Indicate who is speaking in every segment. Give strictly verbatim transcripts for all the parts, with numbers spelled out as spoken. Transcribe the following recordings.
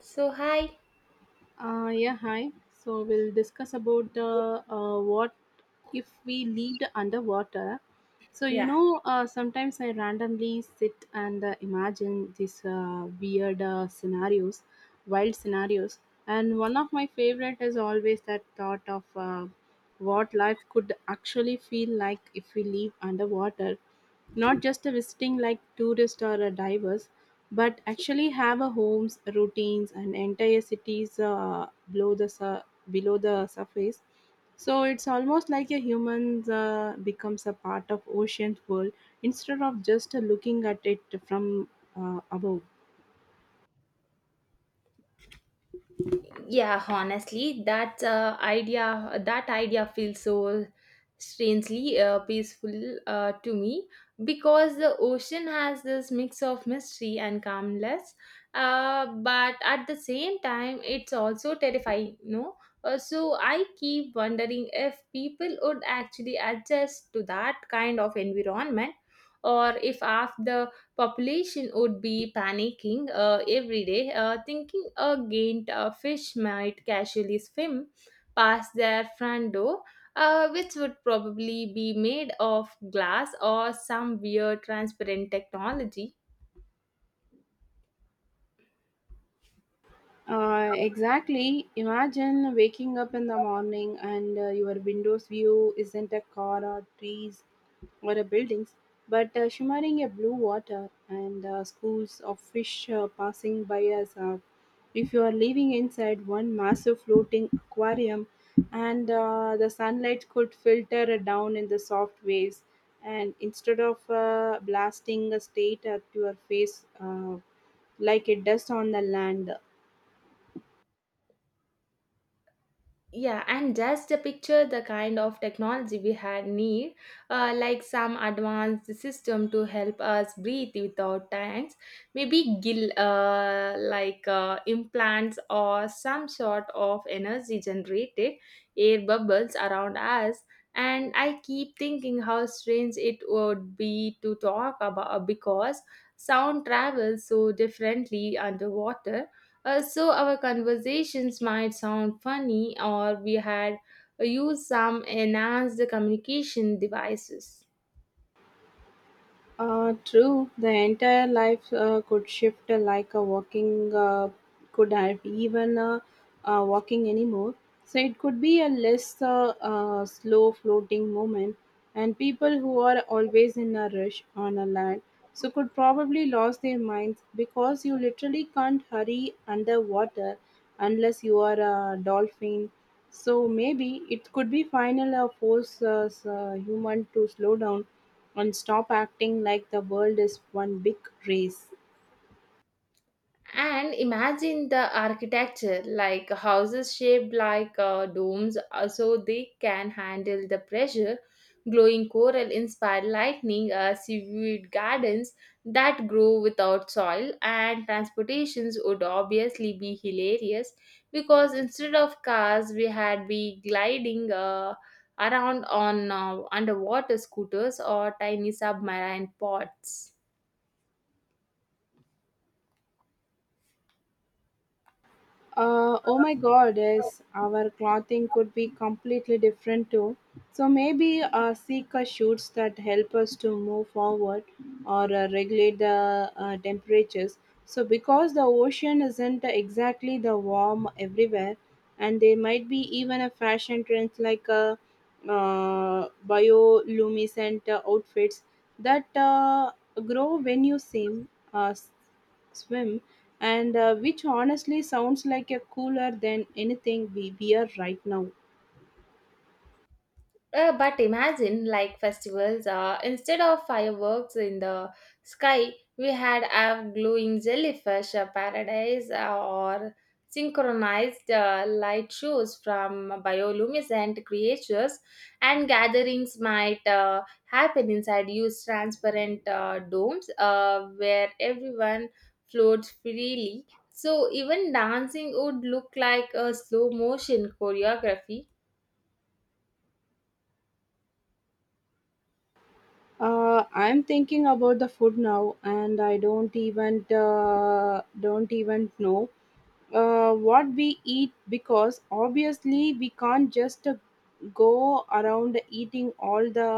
Speaker 1: So hi.
Speaker 2: Uh, yeah, Hi. So we'll discuss about the uh, what if we lived underwater. So you
Speaker 1: Yeah.
Speaker 2: know, uh, sometimes I randomly sit and uh, imagine these uh, weird uh, scenarios, wild scenarios, and one of my favorite is always that thought of uh, what life could actually feel like if we live underwater, not just a visiting like tourist or a divers, but actually have a homes routines and entire cities uh, below the sur- below the surface. So it's almost like a human uh, becomes a part of ocean's world instead of just looking at it from uh, above.
Speaker 1: Yeah, honestly, that uh, idea that idea feels so strangely uh, peaceful uh, to me because the ocean has this mix of mystery and calmness, uh, but at the same time, it's also terrifying. No, uh, so I keep wondering if people would actually adjust to that kind of environment, or if after population would be panicking uh, every day, uh, thinking a gained uh, fish might casually swim past their front door, uh, which would probably be made of glass or some weird transparent technology.
Speaker 2: Uh, exactly. Imagine waking up in the morning and uh, your windows view isn't a car or trees or a buildings, but uh, shimmering a blue water and uh, schools of fish uh, passing by us. Uh, if you are living inside one massive floating aquarium, and uh, the sunlight could filter down in the soft waves, and instead of uh, blasting the state at your face uh, like it does on the land.
Speaker 1: Yeah and just to picture the kind of technology we had need, uh, like some advanced system to help us breathe without tanks, maybe gill uh, like uh, implants or some sort of energy generated air bubbles around us. And i keep thinking how strange it would be to talk about because sound travels so differently underwater, uh, so our conversations might sound funny or we had uh, used some enhanced communication devices.
Speaker 2: Uh, true, the entire life uh, could shift uh, like a walking uh, could have even uh, uh, walking anymore. So it could be a less uh, uh, slow floating moment, and people who are always in a rush on a land so could probably lose their minds because you literally can't hurry underwater unless you are a dolphin. So maybe it could be final uh, force us uh, human to slow down and stop acting like the world is one big race.
Speaker 1: And imagine the architecture, like houses shaped like uh, domes, uh, so they can handle the pressure. Glowing coral inspired lightning, uh, seaweed gardens that grow without soil, and transportations would obviously be hilarious because instead of cars, we had be gliding uh, around on uh, underwater scooters or tiny submarine pods.
Speaker 2: Uh, oh my god, yes, our clothing could be completely different too. So maybe uh, Sika shoots that help us to move forward or uh, regulate the uh, temperatures. So, because the ocean isn't exactly the warm everywhere, and there might be even a fashion trend like a uh, bioluminescent uh, outfits that uh, grow when you swim. Uh, swim, and uh, which honestly sounds like a cooler than anything we wear right now.
Speaker 1: Uh, but imagine, like festivals, uh, instead of fireworks in the sky, we had a glowing jellyfish uh, paradise uh, or synchronized uh, light shows from bioluminescent creatures, and gatherings might uh, happen inside huge transparent uh, domes uh, where everyone floats freely. So even dancing would look like a slow motion choreography.
Speaker 2: Uh, I'm thinking about the food now, and I don't even uh, don't even know uh, what we eat because obviously we can't just uh, go around eating all the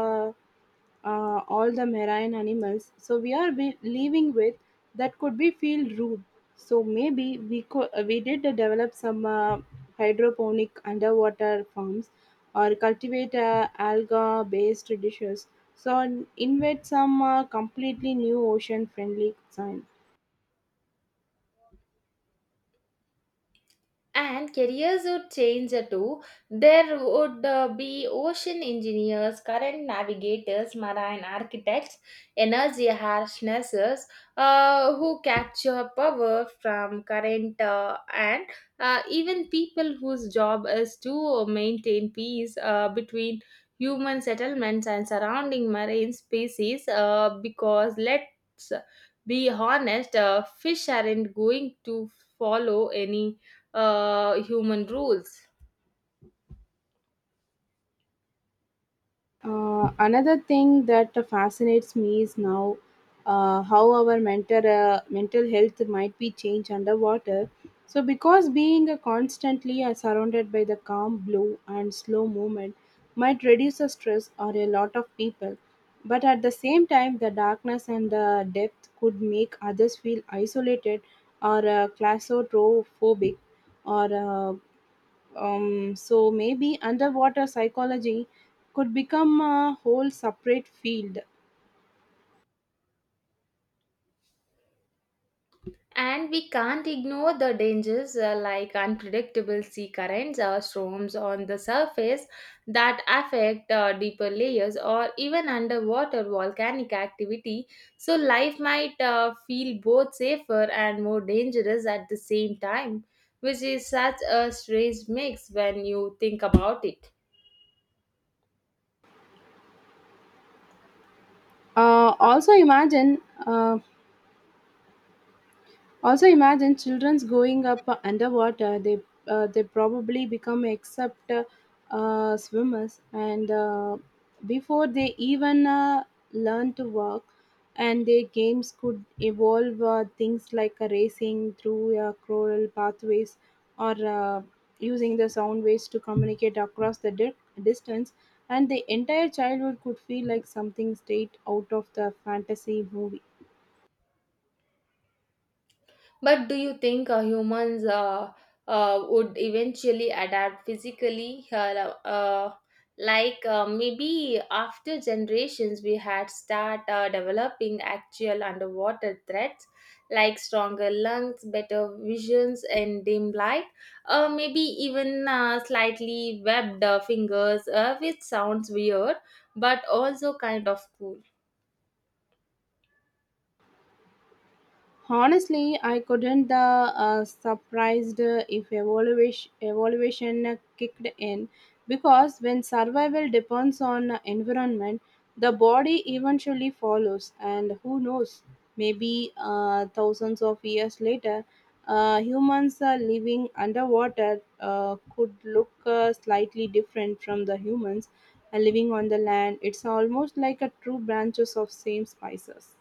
Speaker 2: uh, all the marine animals so we are be- living with that could be feel rude. So maybe we could we did develop some uh, hydroponic underwater farms or cultivate uh, alga based dishes so invent some uh, completely new ocean friendly.
Speaker 1: And careers would change uh, too. There would uh, be ocean engineers, current navigators, marine architects, energy harnesses uh, who capture power from current, uh, and uh, even people whose job is to maintain peace uh, between human settlements and surrounding marine species, uh, because let's be honest, uh, fish aren't going to follow any uh, human rules.
Speaker 2: Uh, another thing that fascinates me is now uh, how our mental uh, mental health might be changed underwater. So, because being uh, constantly uh, surrounded by the calm blue and slow movement might reduce the stress or a lot of people, but at the same time, the darkness and the depth could make others feel isolated or uh, claustrophobic or uh, um, so maybe underwater psychology could become a whole separate field.
Speaker 1: And we can't ignore the dangers, uh, like unpredictable sea currents or storms on the surface that affect uh, deeper layers or even underwater volcanic activity. So, life might uh, feel both safer and more dangerous at the same time, which is such a strange mix when you think about it.
Speaker 2: Uh, also, imagine uh, Also, imagine children's going up underwater. They uh, they probably become except uh, uh, swimmers, and uh, before they even uh, learn to walk, and their games could evolve uh, things like uh, racing through uh, coral pathways or uh, using the sound waves to communicate across the di- distance. And the entire childhood could feel like something straight out of the fantasy movie.
Speaker 1: But do you think uh, humans uh, uh, would eventually adapt physically? Uh, uh, like uh, maybe after generations, we had start uh, developing actual underwater threats, like stronger lungs, better visions in dim light, uh, maybe even uh, slightly webbed uh, fingers, uh, which sounds weird but also kind of cool.
Speaker 2: Honestly, I couldn't the uh, surprised if evaluation evaluation kicked in because when survival depends on environment, the body eventually follows, and who knows, maybe uh, thousands of years later, uh, humans uh, living underwater uh, could look uh, slightly different from the humans uh, living on the land. It's almost like a true branches of same spices.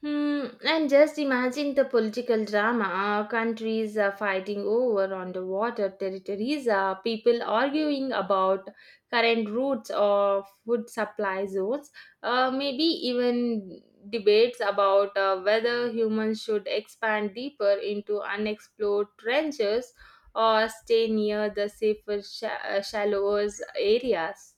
Speaker 1: Hmm, and just imagine the political drama, uh, countries uh, fighting over underwater territories, uh, people arguing about current routes or food supply zones, uh, maybe even debates about uh, whether humans should expand deeper into unexplored trenches or stay near the safer, sh- uh, shallower areas.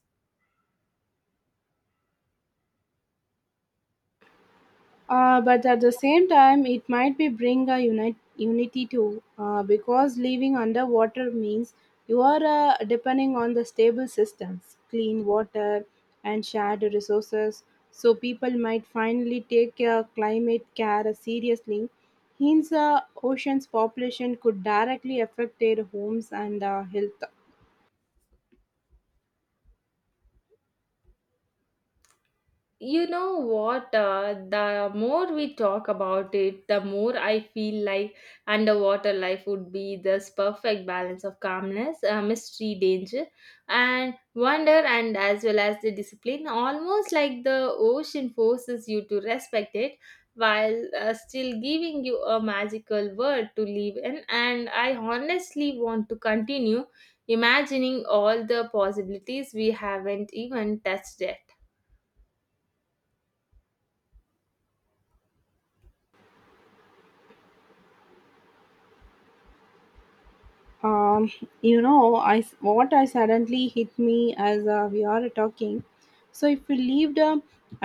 Speaker 2: Uh, but at the same time, it might be bring a unit, unity too, uh, because living underwater means you are uh, depending on the stable systems, clean water, and shared resources. So people might finally take uh, climate care seriously. Hence, uh, ocean's population could directly affect their homes and uh, health.
Speaker 1: You know what? Uh, the more we talk about it, the more I feel like underwater life would be this perfect balance of calmness, uh, mystery, danger, and wonder, and as well as the discipline. Almost like the ocean forces you to respect it while uh, still giving you a magical world to live in. And I honestly want to continue imagining all the possibilities we haven't even touched yet.
Speaker 2: um, you know i s- what i suddenly hit me as uh, we are talking. So if we lived uh,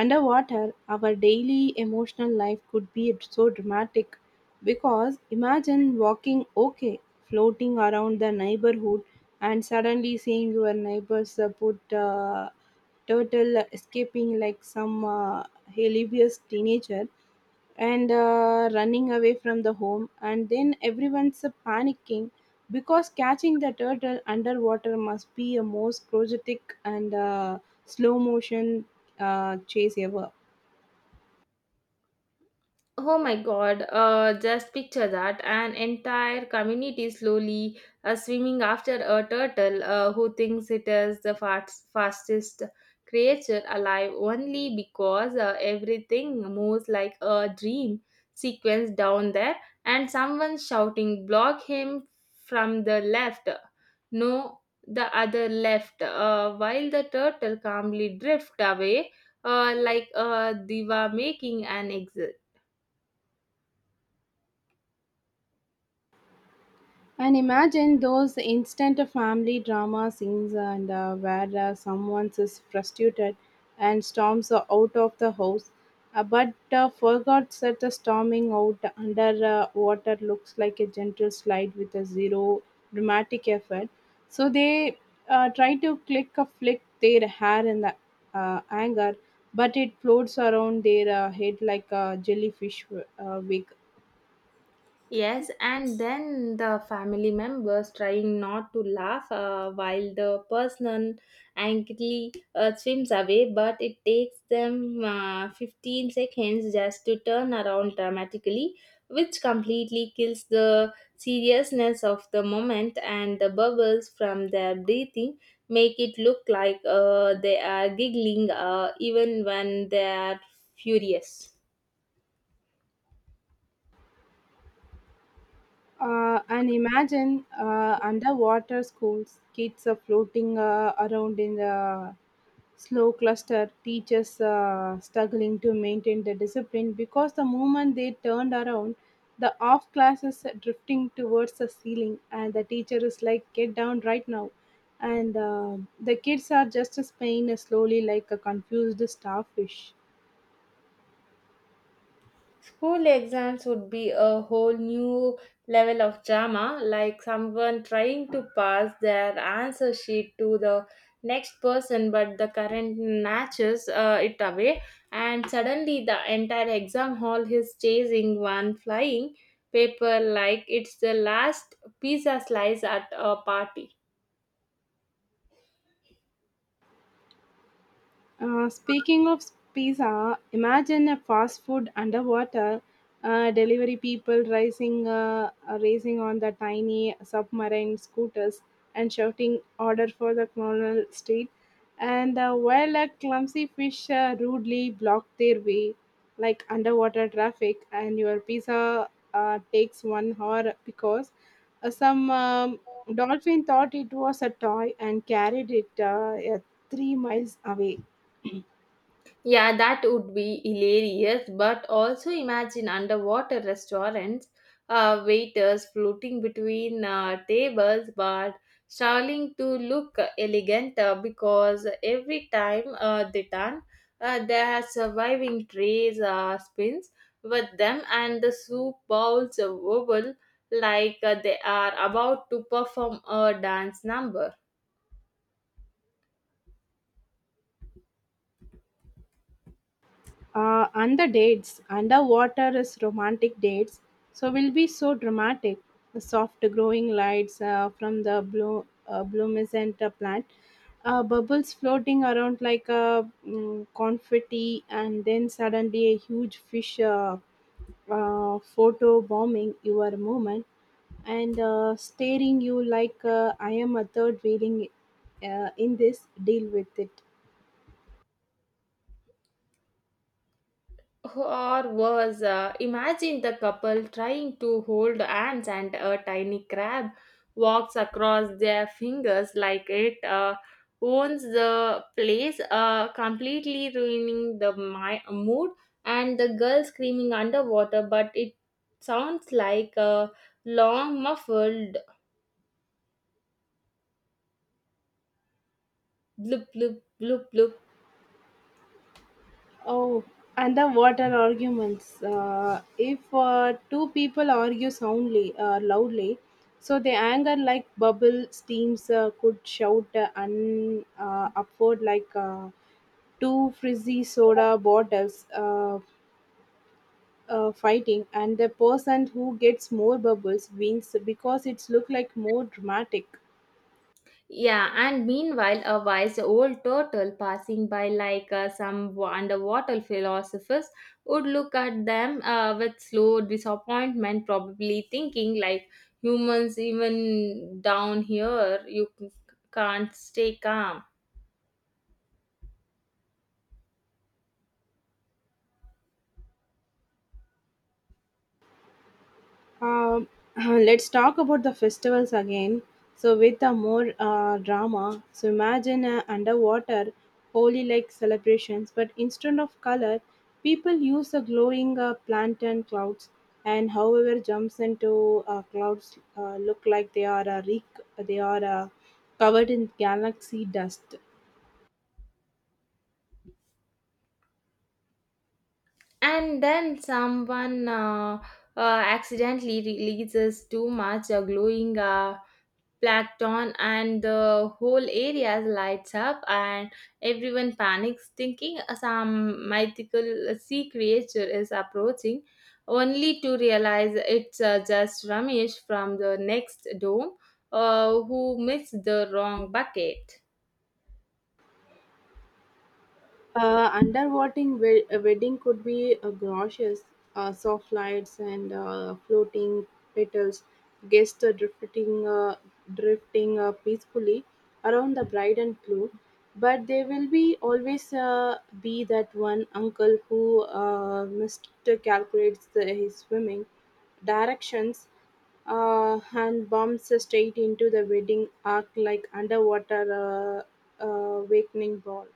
Speaker 2: underwater our daily emotional life could be so dramatic because imagine walking, okay, floating around the neighborhood and suddenly seeing your neighbors uh, put uh, turtle escaping like some uh, hilarious teenager and uh, running away from the home and then everyone's uh, panicking because catching the turtle underwater must be a most chaotic and uh, slow motion uh, chase ever.
Speaker 1: Oh my god, uh, just picture that. An entire community slowly uh, swimming after a turtle uh, who thinks it is the fast, fastest creature alive only because uh, everything moves like a dream sequence down there, and someone shouting, "Block him from the left. No, the other left." Uh, while the turtle calmly drift away uh, like a diva making an exit.
Speaker 2: And imagine those instant family drama scenes and uh, where uh, someone is frustrated and storms uh, out of the house, uh, but uh, forgot that the storming out under uh, water looks like a gentle slide with a zero dramatic effort. So they uh, try to click a flick their hair in the uh, anger, but it floats around their uh, head like a jellyfish uh, wig.
Speaker 1: Yes, and then the family members trying not to laugh uh, while the person angrily uh, swims away, but it takes them uh, fifteen seconds just to turn around dramatically, which completely kills the seriousness of the moment, and the bubbles from their breathing make it look like uh, they are giggling uh, even when they are furious.
Speaker 2: Uh, and imagine uh, underwater schools, kids are floating uh, around in the slow cluster, teachers uh, struggling to maintain the discipline because the moment they turned around, the off classes drifting towards the ceiling, and the teacher is like, "Get down right now," and uh, the kids are just spinning slowly like a confused starfish.
Speaker 1: School exams would be a whole new level of drama, like someone trying to pass their answer sheet to the next person, but the current snatches uh, it away, and suddenly the entire exam hall is chasing one flying paper like it's the last pizza slice at a party.
Speaker 2: Uh, speaking of pizza, imagine a fast food underwater uh, delivery people racing, uh, uh, racing on the tiny submarine scooters and shouting order for the Colonel Street, and uh, while a clumsy fish uh, rudely blocked their way, like underwater traffic, and your pizza uh, takes one hour because uh, some um, dolphin thought it was a toy and carried it uh, uh, three miles away.
Speaker 1: Yeah, that would be hilarious, but also imagine underwater restaurants, uh, waiters floating between uh, tables but struggling to look elegant uh, because every time uh, they turn, uh, their surviving trays uh, spins with them and the soup bowls wobble like uh, they are about to perform a dance number.
Speaker 2: Uh, and the dates underwater is romantic dates, so will be so dramatic. The soft growing lights uh, from the blue uh, blumescent uh, plant, uh, bubbles floating around like a mm, confetti, and then suddenly a huge fish uh, uh, photo bombing your moment and uh, staring you like uh, I am a third wheeling uh, in this. Deal with it.
Speaker 1: Or was uh, Imagine the couple trying to hold hands and a tiny crab walks across their fingers like it uh, owns the place, uh, completely ruining the my- mood. And the girl screaming underwater, but it sounds like a long muffled bloop bloop bloop bloop.
Speaker 2: Oh, and the water arguments. Uh, if uh, two people argue soundly, uh, loudly, so the anger like bubble steams uh, could shout uh, un, uh, upward like uh, two frizzy soda bottles uh, uh, fighting, and the person who gets more bubbles wins because it's look like more dramatic.
Speaker 1: Yeah, and meanwhile, a wise old turtle passing by, like uh, some wa- underwater philosophers, would look at them uh, with slow disappointment, probably thinking, like, humans, even down here, you c- can't stay calm.
Speaker 2: Um, let's talk about the festivals again. So, with a more uh, drama, so imagine uh, underwater holy like celebrations, but instead of color, people use the glowing uh, plankton clouds, and however jumps into uh, clouds uh, look like they are uh, re- they are uh, covered in galaxy dust.
Speaker 1: And then someone uh, uh, accidentally releases too much uh, glowing Uh, plankton, and the whole area lights up and everyone panics thinking some mythical sea creature is approaching, only to realize it's uh, just Ramesh from the next dome uh, who missed the wrong bucket.
Speaker 2: Uh, underwatering we- a wedding could be uh, gorgeous, uh, soft lights and uh, floating petals, guests uh, drifting, uh, drifting uh, peacefully around the bride and groom. But there will be always uh, be that one uncle who uh, miscalculates the, his swimming directions uh, and bumps straight into the wedding arc like underwater uh, uh, awakening ball.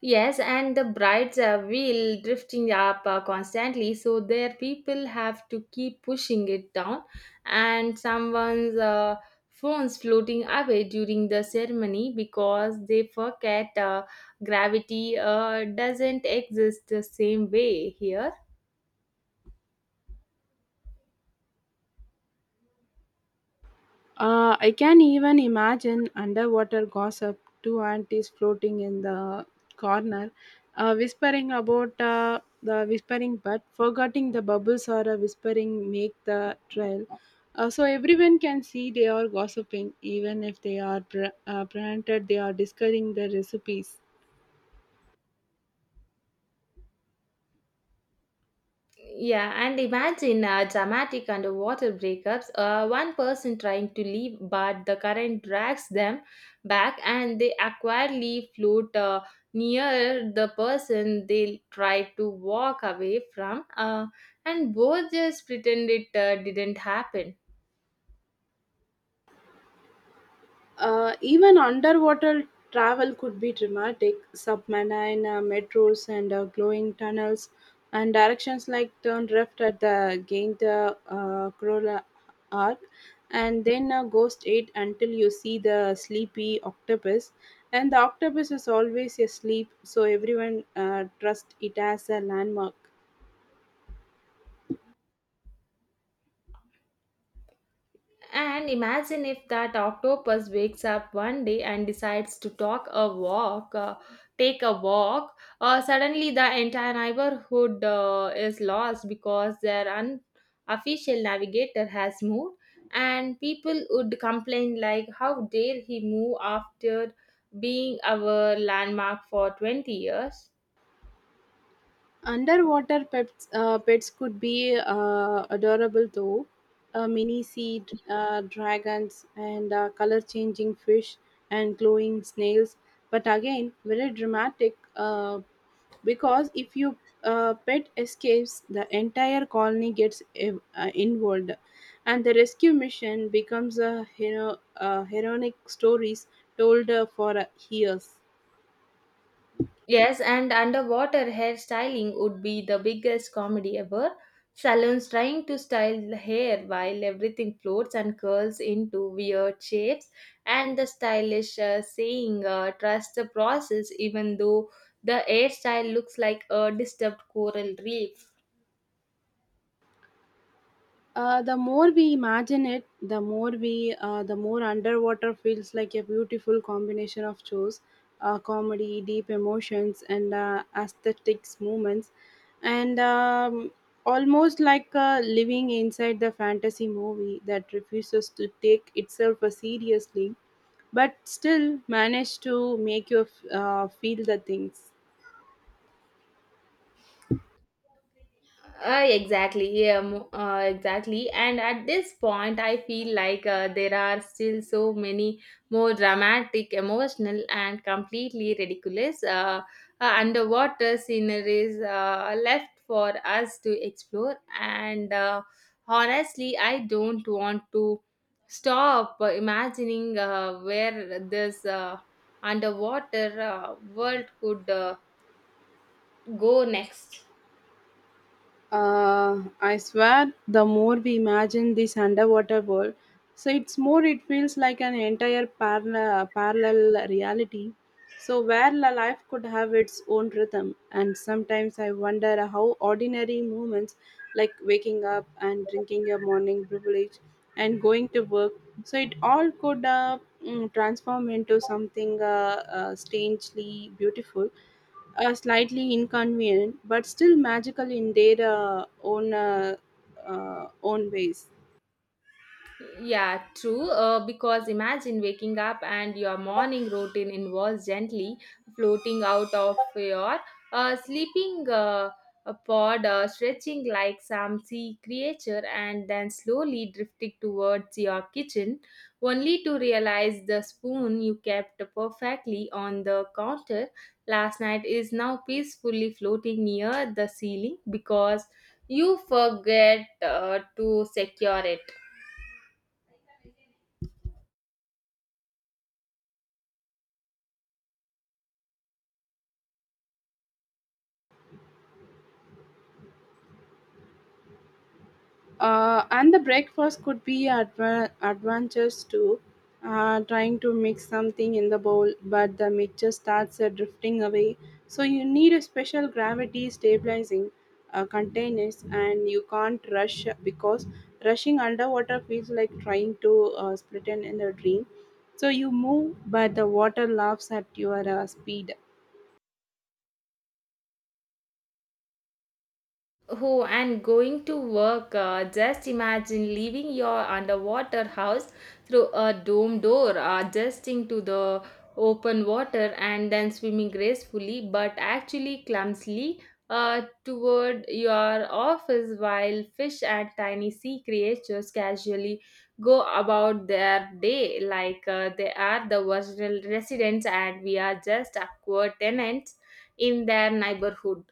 Speaker 1: Yes, and the brides uh, wheel drifting up uh, constantly, so their people have to keep pushing it down, and someone's uh, phones floating away during the ceremony because they forget uh, gravity uh, doesn't exist the same way here.
Speaker 2: Uh, I can even imagine underwater gossip, two aunties floating in the corner, uh, whispering about uh, the whispering but forgetting the bubbles or a whispering make the trail. Uh, so everyone can see they are gossiping, even if they are pre- uh, prevented, they are discussing the recipes.
Speaker 1: Yeah, and imagine uh, dramatic underwater breakups. Uh, one person trying to leave, but the current drags them back, and they awkwardly float uh, near the person they try to walk away from. Uh, and both just pretend it uh, didn't happen.
Speaker 2: Uh, even underwater travel could be dramatic. Submarine uh, metros and uh, glowing tunnels, and directions like turn left at the gain the uh, Corolla Arc, and then uh, go straight until you see the sleepy octopus. And the octopus is always asleep, so everyone uh, trusts it as a landmark.
Speaker 1: And imagine if that octopus wakes up one day and decides to talk a walk, uh, take a walk. Uh, suddenly, the entire neighborhood uh, is lost because their unofficial navigator has moved, and people would complain like, "How dare he move after being our landmark for twenty years?"
Speaker 2: Underwater pets, uh, pets could be uh, adorable though. Uh, mini sea uh, dragons and uh, color changing fish and glowing snails. But again, very dramatic uh, because if you uh, pet escapes, the entire colony gets ev- uh, involved, and the rescue mission becomes a hero, uh, heroic stories told uh, for uh, years.
Speaker 1: Yes, and underwater hairstyling would be the biggest comedy ever. Salons trying to style the hair while everything floats and curls into weird shapes, and the stylish uh, saying, uh, trust the process, even though the hairstyle looks like a disturbed coral reef.
Speaker 2: Uh, the more we imagine it, the more we, uh, the more underwater feels like a beautiful combination of shows, uh, comedy, deep emotions, and uh, aesthetics moments, and um, almost like uh, living inside the fantasy movie that refuses to take itself uh, seriously, but still manage to make you uh, feel the things.
Speaker 1: Uh, exactly. Yeah, mo- uh, exactly. And at this point, I feel like uh, there are still so many more dramatic, emotional, and completely ridiculous uh, uh, underwater sceneries uh, left for us to explore. And uh, honestly, I don't want to stop uh, imagining uh, where this uh, underwater uh, world could uh, go next.
Speaker 2: Uh, I swear, the more we imagine this underwater world, so it's more it feels like an entire parallel, parallel reality. So where la- life could have its own rhythm, and sometimes I wonder how ordinary moments like waking up and drinking your morning privilege and going to work, so it all could uh, mm, transform into something uh, uh, strangely beautiful uh, slightly inconvenient, but still magical in their uh, own uh, uh, own ways.
Speaker 1: Yeah, true. Uh, because imagine waking up and your morning routine involves gently floating out of your uh, sleeping uh, a pod, uh, stretching like some sea creature, and then slowly drifting towards your kitchen, only to realize the spoon you kept perfectly on the counter last night is now peacefully floating near the ceiling because you forget uh, to secure it.
Speaker 2: Uh, and the breakfast could be adva- adventures too. Uh, trying to mix something in the bowl, but the mixture starts uh, drifting away. So you need a special gravity stabilizing uh, containers, and you can't rush uh, because rushing underwater feels like trying to uh, split in a dream. So you move, but the water laughs at your uh, speed.
Speaker 1: Oh, and going to work. Uh, just imagine leaving your underwater house through a dome door, uh, adjusting to the open water, and then swimming gracefully but actually clumsily uh, toward your office while fish and tiny sea creatures casually go about their day like uh, they are the original residents and we are just awkward tenants in their neighborhood.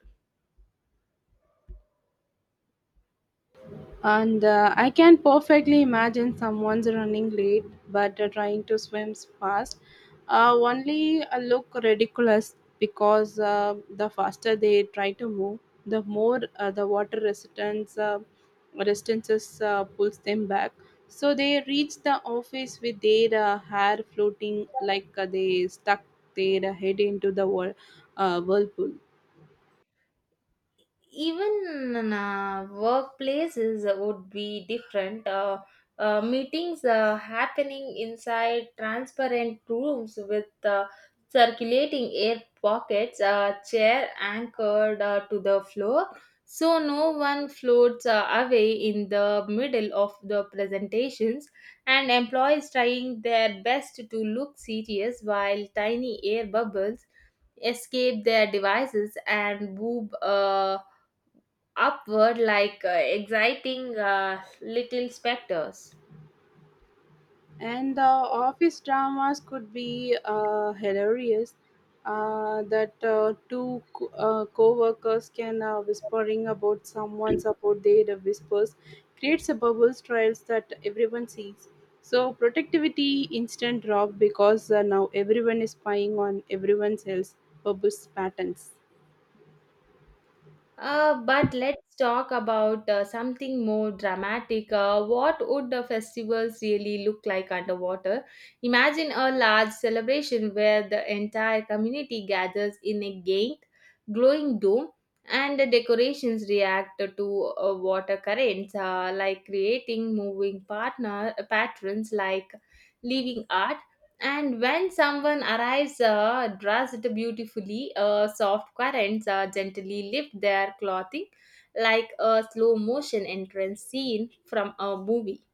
Speaker 2: And uh, I can perfectly imagine someone's running late but uh, trying to swim fast. Uh, only uh, look ridiculous because uh, the faster they try to move, the more uh, the water resistance uh, resistances uh, pulls them back. So they reach the office with their uh, hair floating like uh, they stuck their head into the whirl- uh, whirlpool.
Speaker 1: even in, uh, workplaces would be different. Uh, uh, meetings uh, happening inside transparent rooms with uh, circulating air pockets, uh, chair anchored uh, to the floor, so no one floats uh, away in the middle of the presentations, and employees trying their best to look serious while tiny air bubbles escape their devices and boob. Uh, upward like uh, exciting uh, little specters.
Speaker 2: And the office dramas could be uh, hilarious uh, that uh, two co- uh, co-workers can uh, whispering about someone's about their whispers creates a bubble trails that everyone sees. So productivity instant drop because uh, now everyone is spying on everyone else bubbles patterns.
Speaker 1: Uh, but let's talk about uh, something more dramatic. Uh, what would the festivals really look like underwater? Imagine a large celebration where the entire community gathers in a giant, glowing dome, and the decorations react to uh, water currents, uh, like creating moving partner patterns like living art. And when someone arrives uh, dressed beautifully, uh, soft currents uh, gently lift their clothing like a slow motion entrance scene from a movie.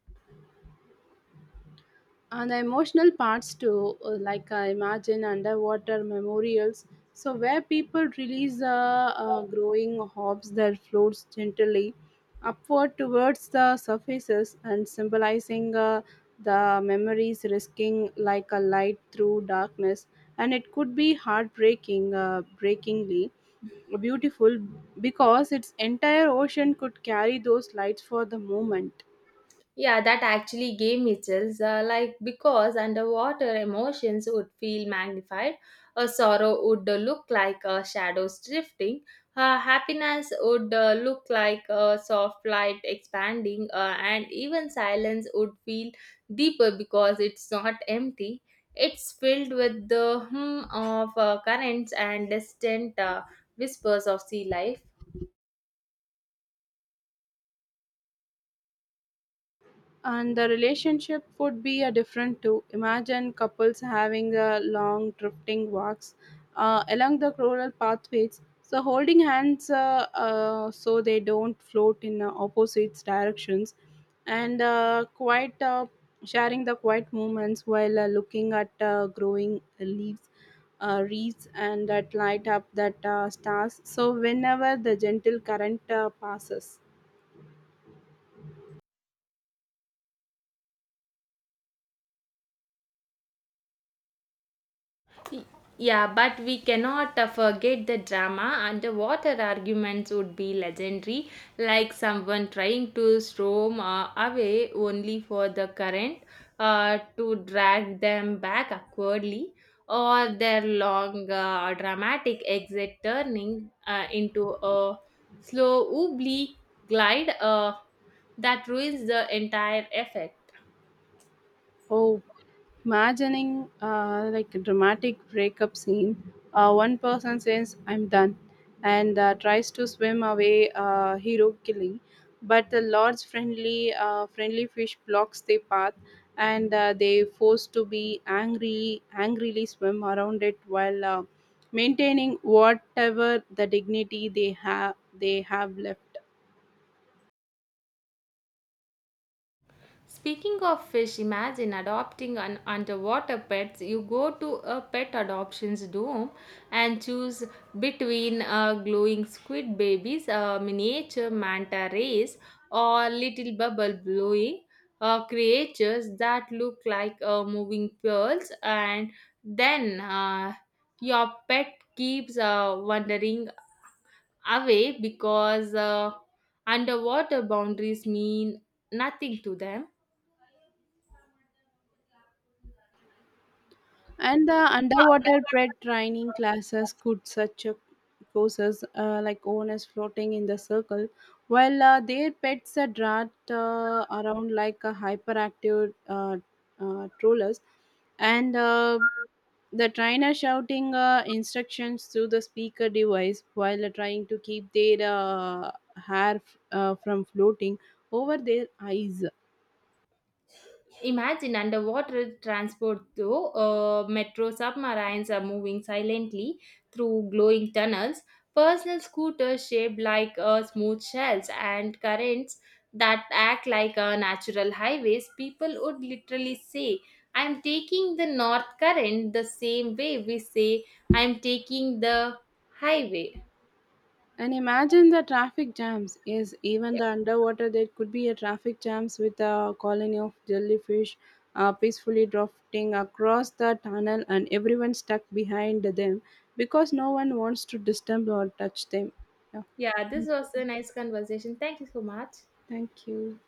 Speaker 2: And the emotional parts too uh, like i imagine underwater memorials so where people release the uh, growing hobs that floats gently upward towards the surfaces and symbolizing uh, the memories risking like a light through darkness. And it could be heartbreaking uh, breakingly beautiful because its entire ocean could carry those lights for the moment.
Speaker 1: Yeah, that actually gave me chills. Uh, like, because underwater emotions would feel magnified, a sorrow would uh, look like uh, shadows drifting, uh, happiness would uh, look like a soft light expanding, uh, and even silence would feel deeper because it's not empty. It's filled with the hum of uh, currents and distant uh, whispers of sea life.
Speaker 2: And the relationship would be a different too. Imagine couples having a long drifting walks uh, along the rural pathways, so holding hands uh, uh, so they don't float in uh, opposite directions, and uh, quite uh, sharing the quiet moments while uh, looking at uh, growing leaves, uh, wreaths, and that light up that uh, stars. So whenever the gentle current uh, passes,
Speaker 1: Y- Yeah, but we cannot uh, forget the drama. Underwater arguments would be legendary, like someone trying to storm uh, away only for the current uh, to drag them back awkwardly, or their long uh, dramatic exit turning uh, into a slow oblique glide uh, that ruins the entire effect.
Speaker 2: oh. Imagining uh, like a dramatic breakup scene, uh, one person says, I'm done, and uh, tries to swim away, uh, hero killing. But the large friendly, uh, friendly fish blocks their path, and uh, they forced to be angry, angrily swim around it while uh, maintaining whatever the dignity they have they have left.
Speaker 1: Speaking of fish, imagine adopting an underwater pets. You go to a pet adoptions dome and choose between uh, glowing squid babies, uh, miniature manta rays, or little bubble blowing uh, creatures that look like uh, moving pearls, and then uh, your pet keeps uh, wandering away because uh, underwater boundaries mean nothing to them.
Speaker 2: And the underwater prep training classes could such a courses uh, like owners floating in the circle while uh, their pets are dragged uh, around like a hyperactive uh, uh, trollers and uh, the trainer shouting uh, instructions through the speaker device while uh, trying to keep their uh, hair f- uh, from floating over their eyes.
Speaker 1: Imagine underwater transport though, uh, metro submarines are moving silently through glowing tunnels, personal scooters shaped like uh, smooth shells, and currents that act like uh, natural highways. People would literally say, "I'm taking the north current," the same way we say, "I'm taking the highway."
Speaker 2: And imagine the traffic jams. Yes, even
Speaker 1: Yeah,
Speaker 2: the underwater there could be a traffic jams with a colony of jellyfish uh, peacefully drifting across the tunnel and everyone stuck behind them because no one wants to disturb or touch them. Yeah.
Speaker 1: yeah, this
Speaker 2: Thank you.
Speaker 1: was a nice conversation. Thank you so much.
Speaker 2: Thank you.